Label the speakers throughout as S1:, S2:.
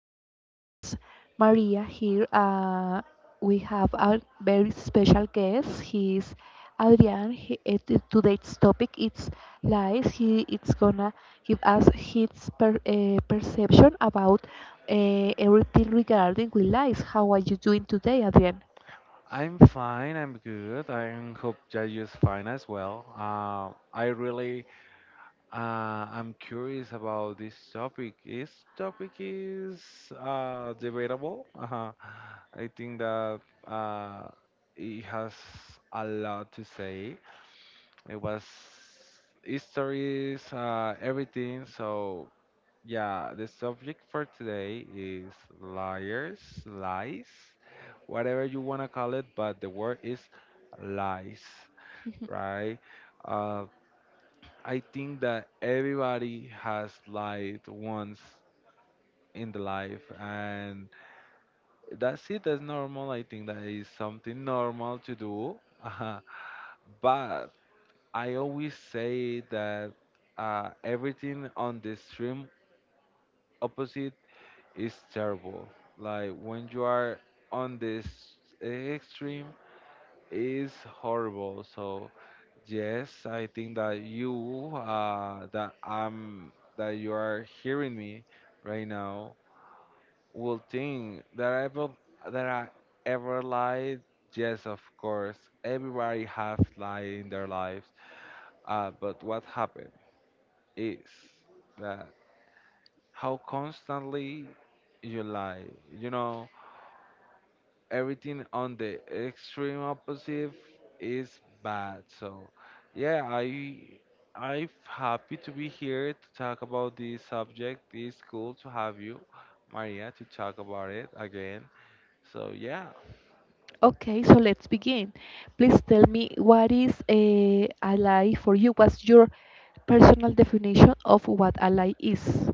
S1: podcast. It's Maria here. We have a very special guest. He's Adrian. Today's topic is lies. He it's gonna give us his perception about everything regarding with lies. How are you doing today, Adrian? Okay, so let's begin. Please tell me, what is a ally for you? What's your personal definition of what ally is?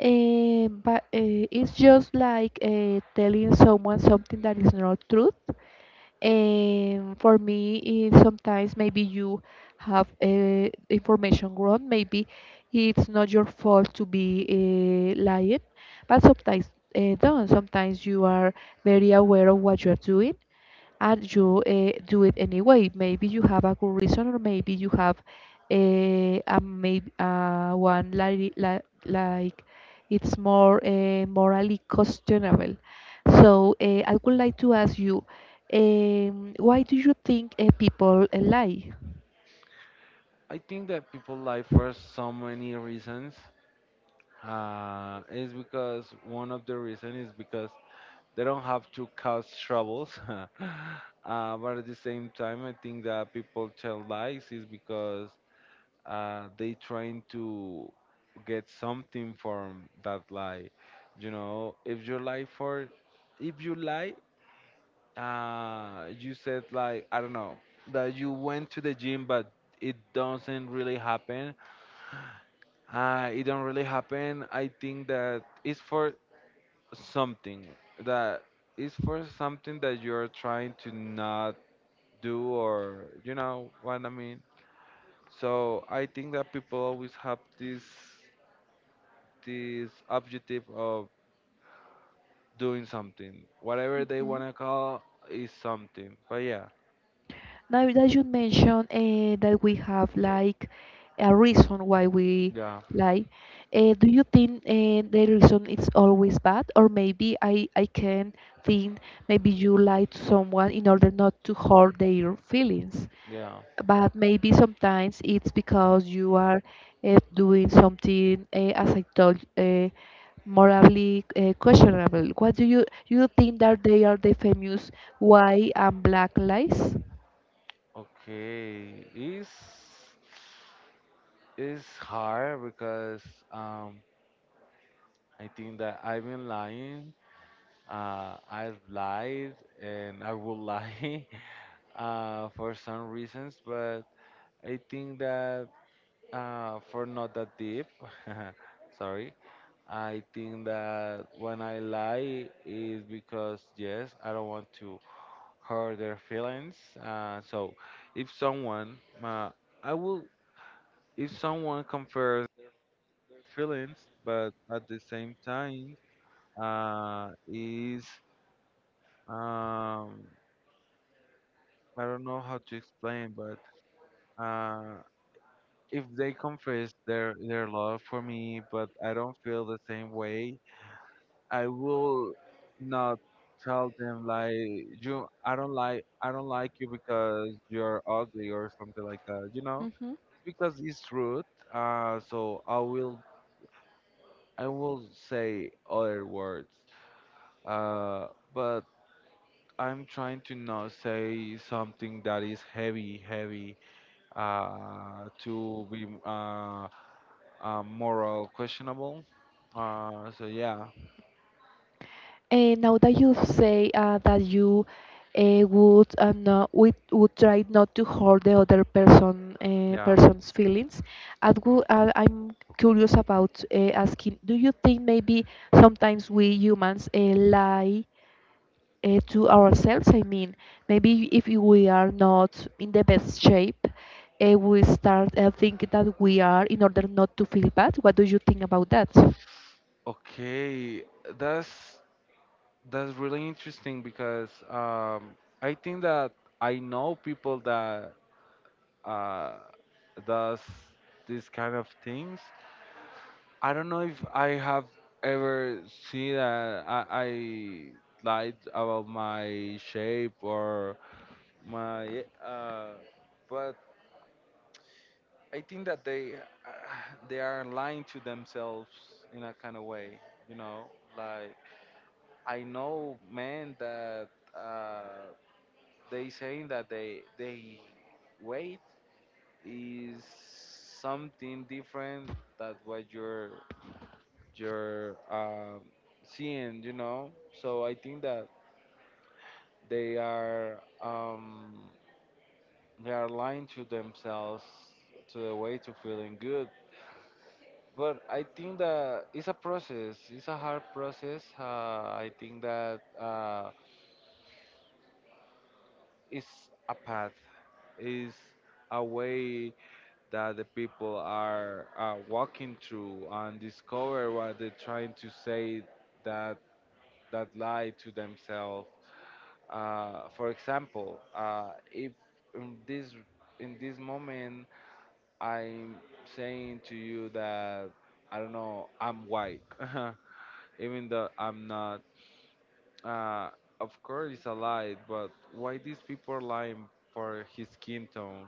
S1: It's just like telling someone something that is not truth. And for me, it, sometimes maybe you have information wrong. Maybe it's not your fault to be lying, but sometimes don't. Sometimes you are very aware of what you are doing and you do it anyway. Maybe you have a good reason, or maybe you have a maybe one like, like it's more morally questionable. So I would like to ask you, why do you think people lie? Now that you mentioned that we have like a reason why we lie, do you think the reason is always bad? Or maybe I can think, maybe you lie to someone in order not to hurt their feelings. But maybe sometimes it's because you are doing something, as I told, morally questionable. What do you think that they are the famous white and black lies?
S2: Their feelings, but at the same time, is um, I don't know how to explain, but uh, if they confess their love for me, but I don't feel the same way, I will not tell them like you I don't like you because you're ugly or something like that, you
S1: You
S2: know?
S1: know. Mhm.
S2: Because it's rude. So I will say other words. Uh, but I'm trying to not say something that is heavy, heavy, to be moral questionable. So yeah,
S1: And now that you say that you would try not to hurt the other
S2: yeah.
S1: person's feelings, I would, I'm curious about asking, do you think maybe sometimes we humans lie to ourselves. I mean, maybe if we are not in the best shape, we start think that we are in order not to feel bad. What do you think about that?
S2: Okay, that's that's really interesting because I think that I know people that uh, does these kind of things. I don't know if I have ever seen that I lied about my shape or my but I think that they they are lying to themselves in a kind of way, you know. Like I know men that uh, they saying that they weight is something different than what you're seeing. So I think that they are um, they are lying to themselves to the way to feeling good. But I think that it's a process. It's a hard process. I think that it's a path. It's a way that the people are walking through and discover what they're trying to say that lie to themselves. For example, if in this in this moment I'm saying to you that I don't know I'm white, even though I'm not. Uh, of course, it's a lie, but why these people lying for his skin tone?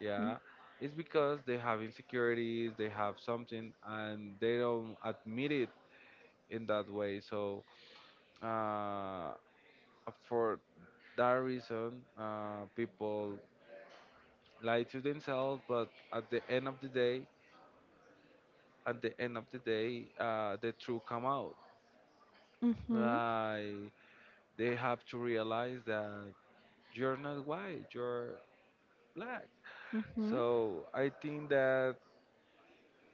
S2: Yeah, it's because they have insecurities, they have something, and they don't admit it in that way. So uh, for that reason, people lie to themselves, but at the end of the day, at the end of the day, the truth come out.
S1: Mm-hmm.
S2: Like they have to realize that you're not white, you're black.
S1: Mm-hmm.
S2: So I think that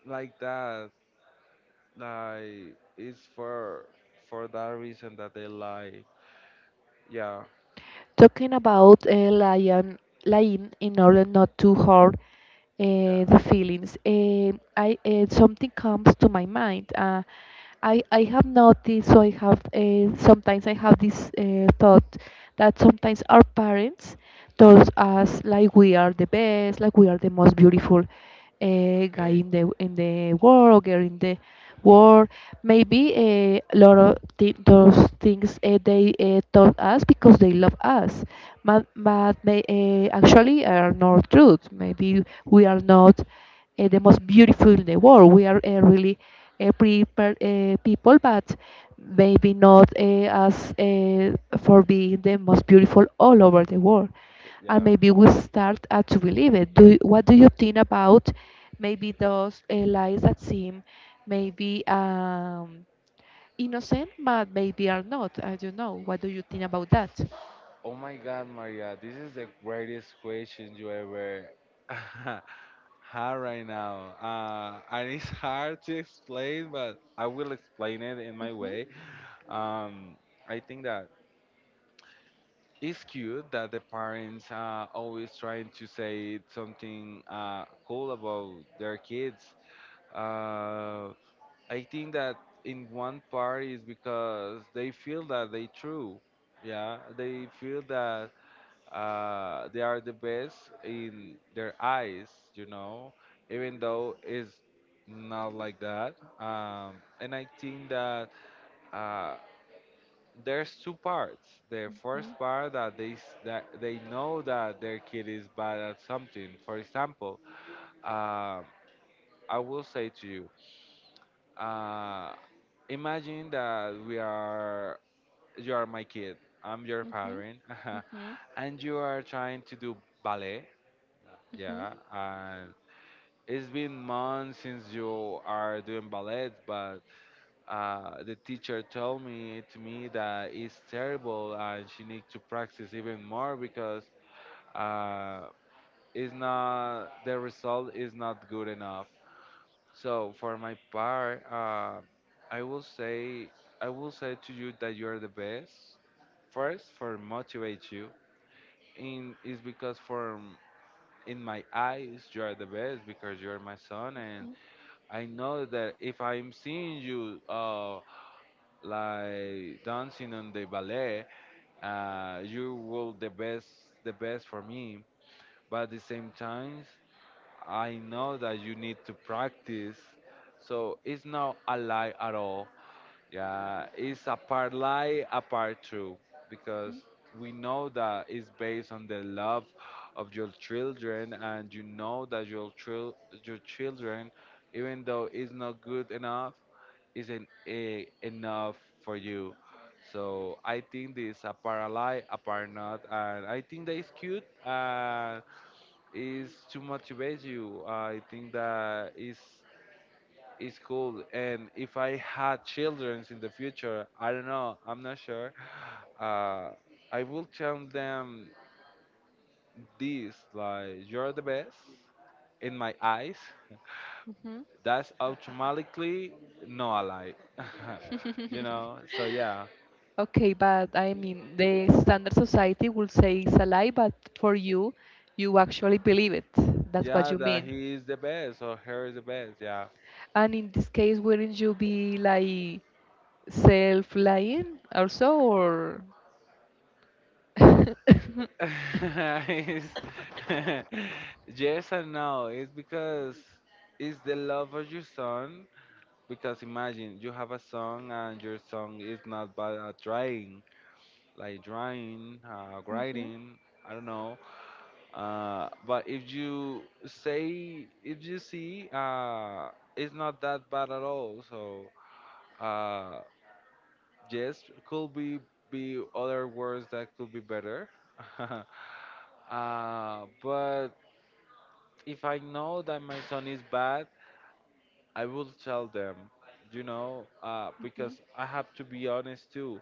S2: like that, like it's for that reason that they lie. Yeah,
S1: Talking about lying, lying in order not to hurt
S2: yeah.
S1: the feelings. I something comes to my mind. I have noticed, so I have sometimes I have this thought that sometimes our parents told us like we are the best, like we are the most beautiful guy
S2: Okay,
S1: in the world or girl in the world. Maybe a lot of those things they taught us because they love us, but actually are not truth. Maybe we are not the most beautiful in the world. We are really prepared people, but maybe not as for being the most beautiful all over the world,
S2: okay,
S1: and
S2: yeah.
S1: maybe we start to believe it. What do you think about maybe those lies that seem maybe innocent, but maybe are not? I don't know. What do you think about that?
S2: Oh my God, Maria, this is the greatest question you ever. hard right now. And it's hard to explain, but I will explain it in my
S1: Mhm.
S2: way. Um, I think that it's cute that the parents are always trying to say something cool about their kids. Uh, I think that in one part is because they feel that they true. Yeah, they feel that they are the best in their eyes, you know, even though it's not like that. Um, and I think that uh, there's two parts. The first part that that they know that their kid is bad at something. For example, um, I will say to you, uh, imagine that we are you are my kid. I'm your
S1: Mhm.
S2: parent,
S1: Mhm. Mhm.
S2: and you are trying to do ballet.
S1: Mhm.
S2: Yeah, and it's been months since you are doing ballet, but the teacher told me to me that it's terrible and she needs to practice even more because uh, it's not the result is not good enough. So for my part, I will say I will say to you that you are the best. First, for motivate you, in is because for in my eyes you are the best because you are my son and I know that if I'm seeing you like dancing on the ballet, you will the best for me. But at the same time, I know that you need to practice. So it's not a lie at all. Yeah, it's a part lie, a part true, because we know that it's based on the love of your children, and you know that your children, even though it's not good enough, isn't a, enough for you. So I think this a part lie, a part not, and I think that is cute. Is to motivate you. I think that is it's cool. And if I had children in the future, I don't know, I'm not sure. Uh, I will tell them this like, you're the best in my eyes.
S1: Mhm.
S2: That's automatically not a lie. you know? So, yeah.
S1: Okay, but I mean, the standard society will say it's a lie, but for you, you actually believe it. That's what
S2: Yeah,
S1: you
S2: that
S1: mean.
S2: he is the best or her is the best. Yeah.
S1: And in this case, wouldn't you be like self-lying also, or?
S2: It's- yes and no. It's because it's the love of your son. Because imagine you have a song and your song is not bad at drawing, like drawing,
S1: Mhm.
S2: writing, I don't know. But if you if you see, it's not that bad at all. So uh, yes, could be other words that could be better. uh, but if I know that my son is bad, I will tell them, because I have to be honest too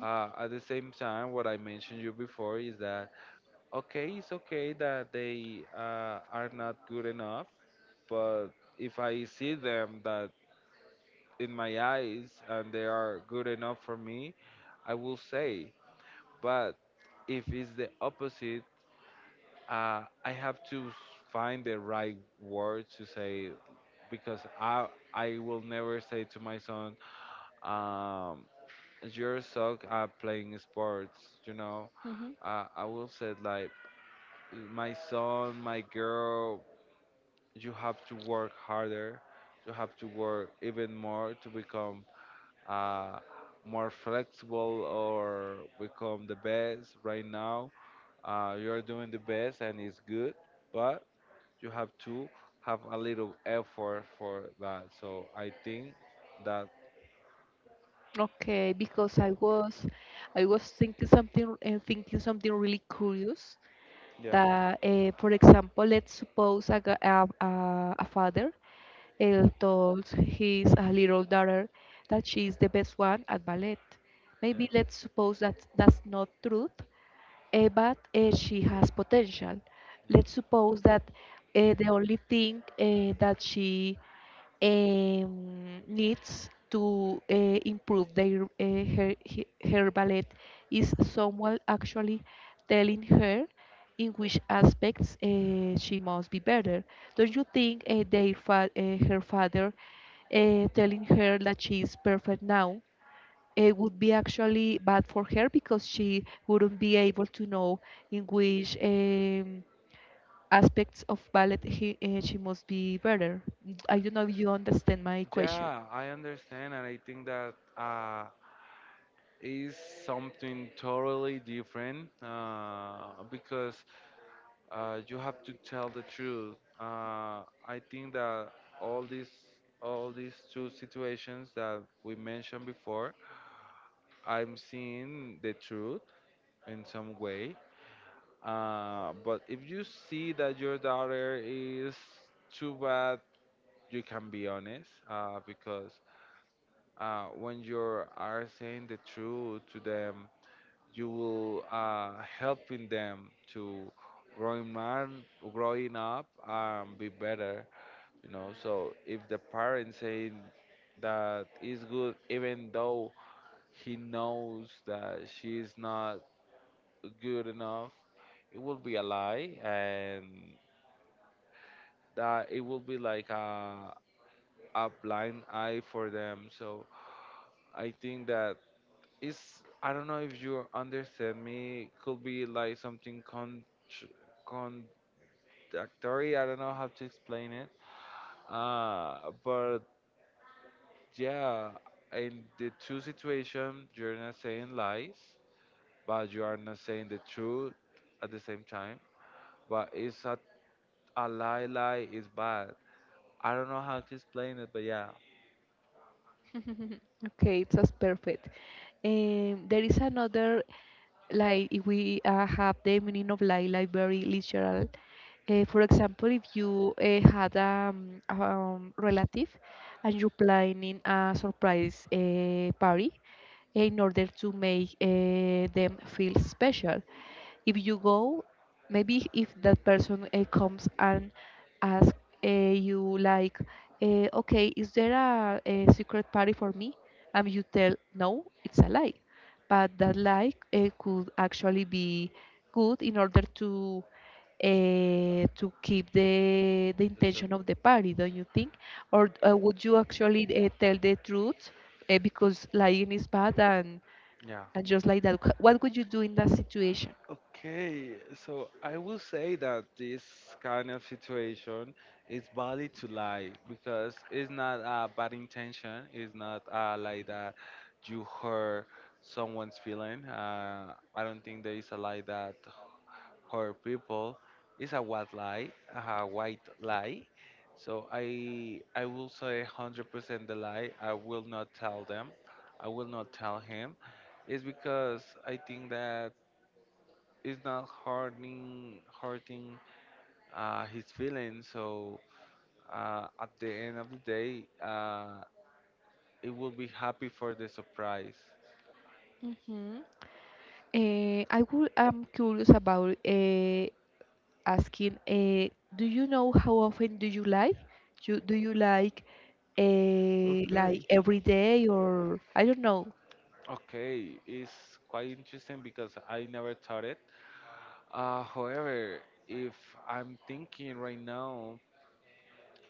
S2: at the same time, what I mentioned you before is that okay, it's okay that they are not good enough, but if I see them that in my eyes and they are good enough for me, I will say. But if it's the opposite, I have to s- find the right word to say because I will never say to my son. Um, you suck at playing sports.
S1: Mhm. Mhm.
S2: I will say like my son, my girl, you have to work harder. You have to work even more to become uh, more flexible or become the best. Right now, you are doing the best and it's good, but you have to have a little effort for that. So I think that
S1: Okay, because I was thinking something and thinking something really curious,
S2: yeah.
S1: that, for example, let's suppose a, gu- a father told his little daughter that she is the best one at ballet. Maybe let's suppose that that's not truth, but she has potential. Let's suppose that the only thing that she needs to improve their her ballet is someone actually telling her in which aspects she must be better. Don't you think her father telling her that she is perfect now? It would be actually bad for her because she wouldn't be able to know in which aspects of ballet she must be better. I don't know if you understand my question.
S2: Yeah, I understand, and I think that is something totally different because you have to tell the truth. I think that all these all these two situations that we mentioned before, I'm seeing the truth in some way. But if you see that your daughter is too bad, you can be honest because when you are saying the truth to them you will helping them to growing man growing up and be better, you know. So if the parents saying that is good even though he knows that she's not good enough, it will be a lie and that it will be like a blind eye for them. So I think that it's I don't know if you understand me, could be like something con Doctory, I don't know how to explain it. But yeah, in the two situation, you're not saying lies, but you are not saying the truth at the same time. But a lie, lie is bad. I don't know how to explain it, but yeah,
S1: Okay, it's just perfect. There is another, like if we have the meaning of like very literal. For example, if you had a relative and you're planning a surprise party in order to make them feel special, if you go, maybe if that person comes and asks you like, okay, is there a secret party for me, and you tell no, it's a lie, but that lie could actually be good in order to keep the
S2: that's it.
S1: intention of the party, don't you think? Or would you actually tell the truth because lying is bad,
S2: Yeah.
S1: and just like that, what would you do in that situation?
S2: Okay, so I will say that this kind of situation is valid to lie because it's not a bad intention. It's not like that you hurt someone's feeling. I don't think there is a lie that hurt people. It's a white lie, a white lie. So I will say 100% the lie. I will not tell them. I will not tell him. It's because I think that it's not hurting his feelings. So at the end of the day, it will be happy for the surprise.
S1: Hmm. I would, I'm curious about asking, do you know how often do you lie? You, do you like
S2: Okay.
S1: every day or I don't know,
S2: Okay, it's quite interesting because I never thought it. However, if I'm thinking right now,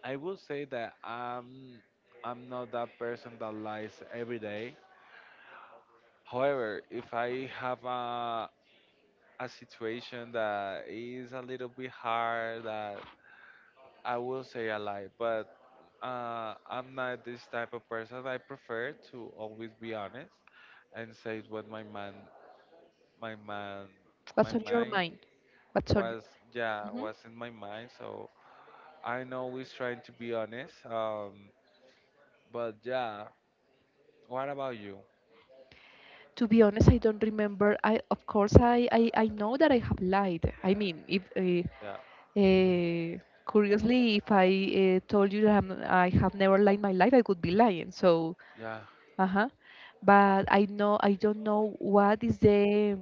S2: I will say that I'm not that person that lies every day. However, if I have a situation that is a little bit hard, that I will say a lie, but I'm not this type of person. I prefer to always be honest and say what my man, my
S1: what's on your
S2: mind
S1: mind? What's on?
S2: was. Yeah,
S1: Mhm.
S2: was in my mind. So I'm always trying to be honest. But yeah, what about you?
S1: To be honest, I don't remember. I, of course I, I know that I have lied. I mean, if
S2: Yeah,
S1: uh, curiously, if I told you that I have never lied my life, I would be lying. So
S2: yeah,
S1: uh-huh. But I know, I don't know what is the,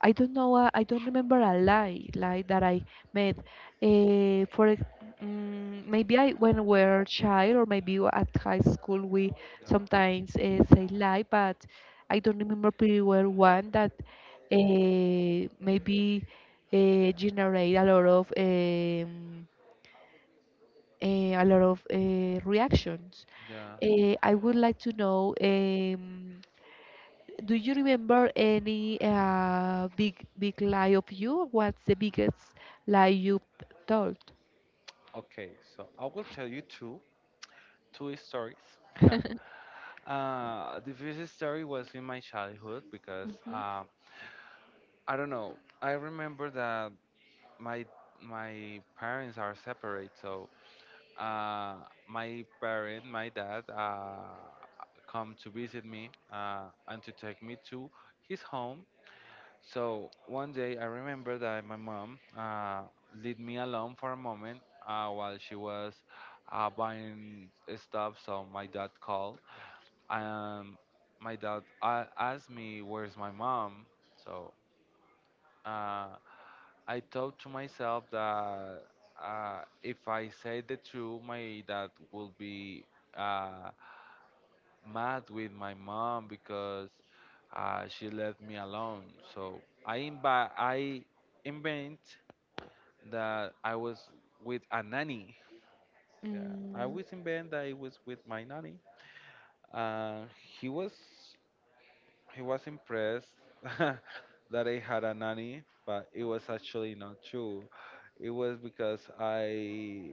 S1: I don't know, I don't remember a lie like that I made. Uh, for ex- maybe I when we were a child or maybe at high school we
S2: yeah,
S1: sometimes say lie, but I don't remember pretty well one that maybe generate a lot of a lot of reactions.
S2: yeah.
S1: I would like to know. Do you remember any big lie of you? What's the biggest lie you told?
S2: Okay, so I will tell you two stories. The first story was in my childhood because
S1: Mhm.
S2: I don't know. I remember that my my parents are separate, so uh, my dad, come to visit me and to take me to his home. So one day I remember that my mom leave me alone for a moment while she was buying stuff. So my dad called. Um, my dad asked me, "Where's my mom?" So. Uh, I thought to myself that if I say the truth, my dad will be uh, mad with my mom because she left me alone. So I invent that I was with a nanny. Yeah, I
S1: Mm,
S2: always invent that I was with my nanny. Uh, he was. He was impressed that I had a nanny, but it was actually not true. It was because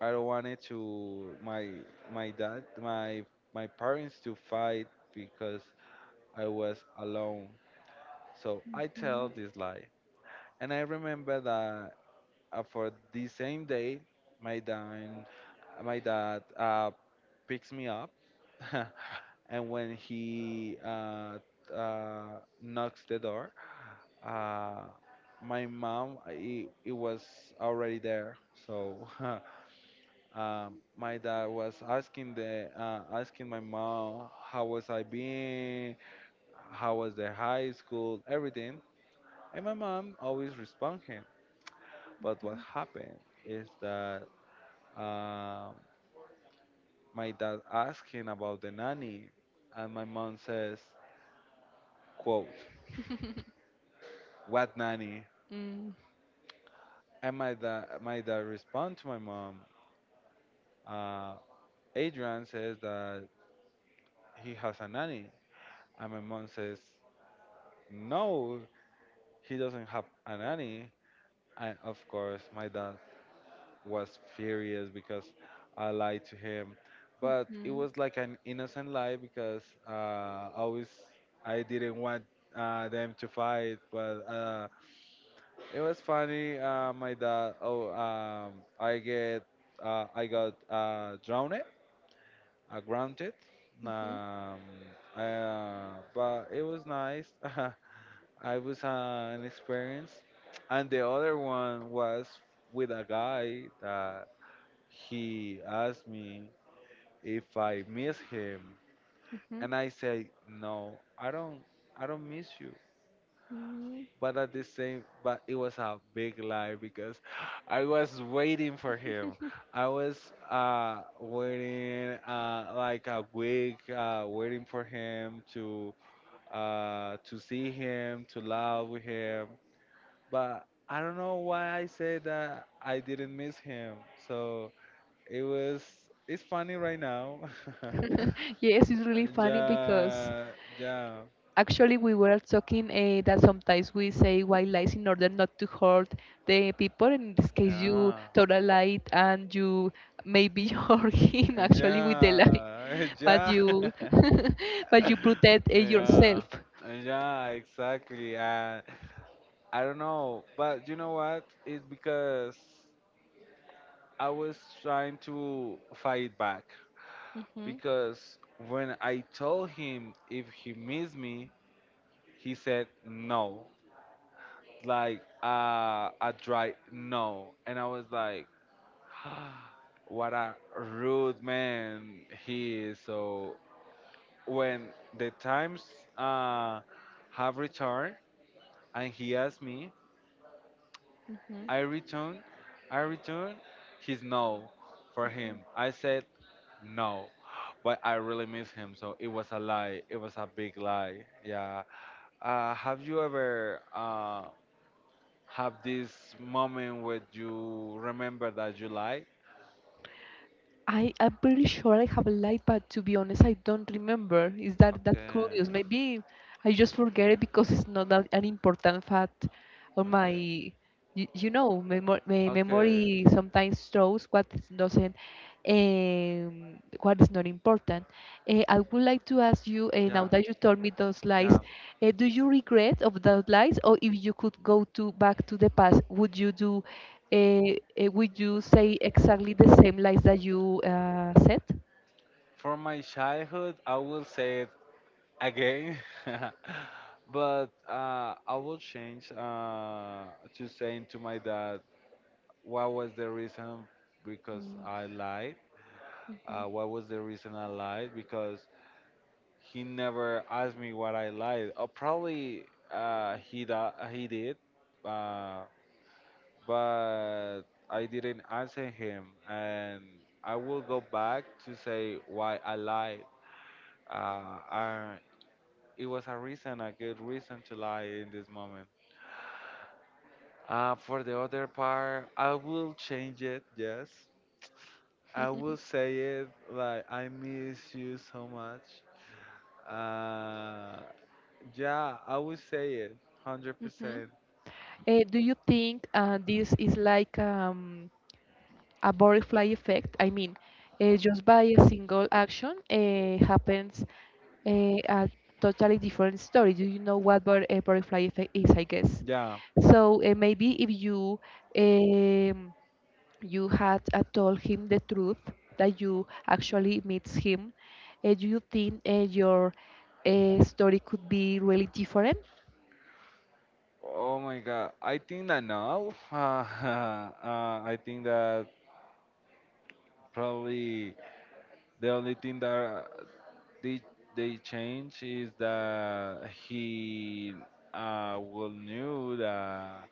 S2: I don't wanted to my my dad my my parents to fight because I was alone. So I tell
S1: mhm,
S2: this lie, and I remember that for the same day, my dad my dad picks me up, and when he knocks the door, Uh, my mom, it was already there, so my dad was asking the asking my mom how was I being, how was the high school, everything, and my mom always respond him. But what happened is that uh, my dad asking about the nanny, and my mom says, "quote What nanny?"
S1: mm,
S2: And my dad respond to my mom. Uh, Adrian says that he has a nanny. And my mom says, no, he doesn't have a nanny. And of course, my dad was furious because I lied to him. But it was like an innocent lie because uh, I always I didn't want them to fight. But it was funny. My dad, oh, I get I got grounded.
S1: mhm, mhm,
S2: Um, uh, but it was nice. I was an experience, and the other one was with a guy that he asked me if I miss him,
S1: mhm,
S2: and I said no, I don't, I don't miss you.
S1: mhm.
S2: But at the same, but it was a big lie because I was waiting for him. I was waiting like a week, waiting for him to see him, to love with him but I don't know why I say that I didn't miss him. So it was it's funny right now.
S1: Yes, it's really funny because
S2: Yeah, yeah,
S1: actually we were talking that sometimes we say white lies in order not to hurt the people. In this case, you
S2: yeah,
S1: told a lie and you maybe hurt him actually with the lie,
S2: yeah,
S1: but
S2: yeah,
S1: you but you protect
S2: yeah,
S1: yourself.
S2: yeah, exactly. And I don't know, but you know what? It's because I was trying to fight back
S1: Mhm,
S2: because when I told him if he missed me, he said no, like a dry no. And I was like, what a rude man he is. So when the times uh, have returned and he asked me,
S1: mhm.
S2: I return, I return his no for him. I said no. But I really miss him, so it was a lie. It was a big lie. Yeah. Have you ever have this moment where you remember that you like?
S1: I'm pretty sure I have a light, but to be honest, I don't remember. Is that that
S2: Okay.
S1: curious? Maybe I just forget it because it's not that an important fact on my,
S2: Okay.
S1: you know,
S2: Okay.
S1: memory sometimes shows what is doesn't, what is not important. I would like to ask you, now
S2: Yeah.
S1: that you told me those lies,
S2: Yeah.
S1: do you regret of those lies, or if you could go to back to the past, would you do, would you say exactly the same lies that you said?
S2: For my childhood, I will say it again, but I will change to saying to my dad what was the reason because I lied.
S1: Mm-hmm.
S2: What was the reason I lied? Because he never asked me what I lied. Or probably he did, uh, but I didn't answer him, and I will go back to say why I lied. Uh, I, it was a reason, a good reason to lie in this moment. For the other part, I will change it. Yes, I will say it like I miss you so much. Uh, yeah, I will say it, hundred
S1: Hmm.
S2: percent.
S1: Do you think this is like a butterfly effect. I mean, just by a single action happens uh, a totally different story. Do you know what a butterfly effect is? I guess.
S2: Yeah.
S1: So maybe if you um, you had told him the truth that you actually meets him, do you think your story could be really different?
S2: Oh my God. I think that now. I think that probably the only thing that they they change is that he will knew that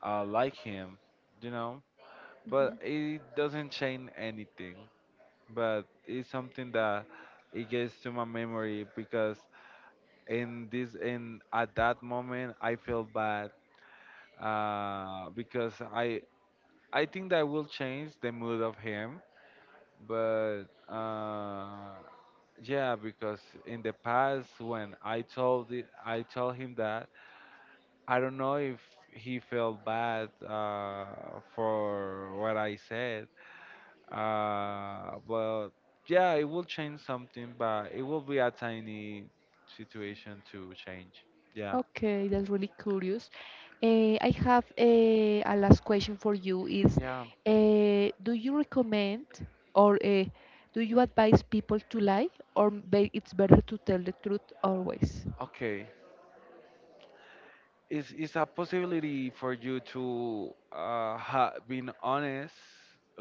S2: I like him, you know. But it doesn't change anything. But it's something that it gets to my memory because in this in at that moment I feel bad because I think that will change the mood of him but yeah, because in the past when I told it, I told him that I don't know if he felt bad for what I said, but yeah, it will change something, but it will be a tiny situation to change. Yeah,
S1: Okay, that's really curious. I have a last question for you is,
S2: yeah,
S1: do you recommend or do you advise people to lie or it's better to tell the truth always?
S2: okay. Is a possibility for you to ha being honest?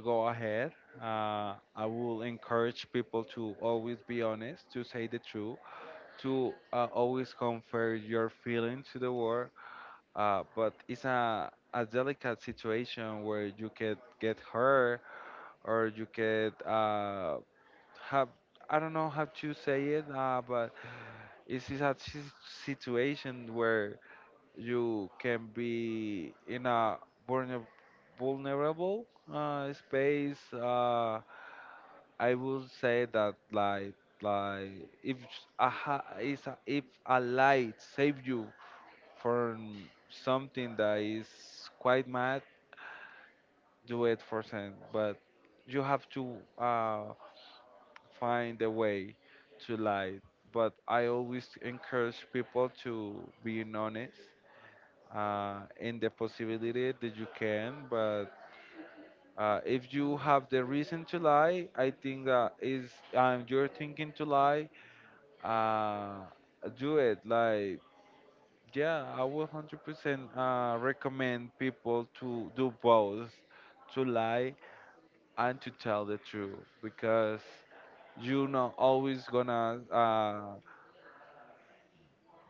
S2: Go ahead. I will encourage people to always be honest, to say the truth, to always convey your feelings to the world. But it's a delicate situation where you could get hurt or you could have I don't know how to say it, but it's is a si- situation where you can be in a vulner- vulnerable space. I would say that like if a ha- is a, if a light save you from something that is quite mad, do it for them. But you have to find a way to light. But I always encourage people to being honest in the possibility that you can. But if you have the reason to lie, I think that is you're thinking to lie. Uh, do it. Like yeah, I will 100% recommend people to do both, to lie and to tell the truth because you're not always gonna.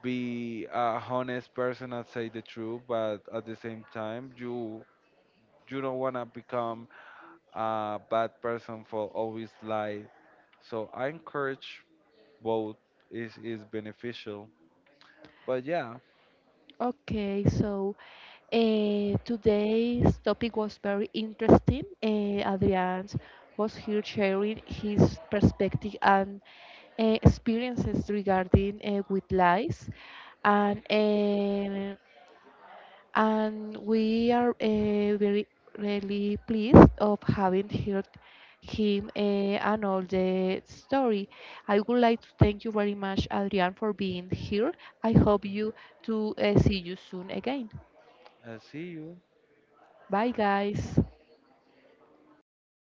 S2: Be a honest person and say the truth, but at the same time, you don't wanna become a bad person will always lie. So I encourage both is beneficial. But yeah,
S1: Okay, so today's topic was very interesting. Adrian was here sharing his perspective and experiences regarding with lies and uh, and we are very really pleased of having heard him and all the story. I would like to thank you very much, Adrian, for being here. I hope you to see you soon again.
S2: I see you.
S1: Bye, guys.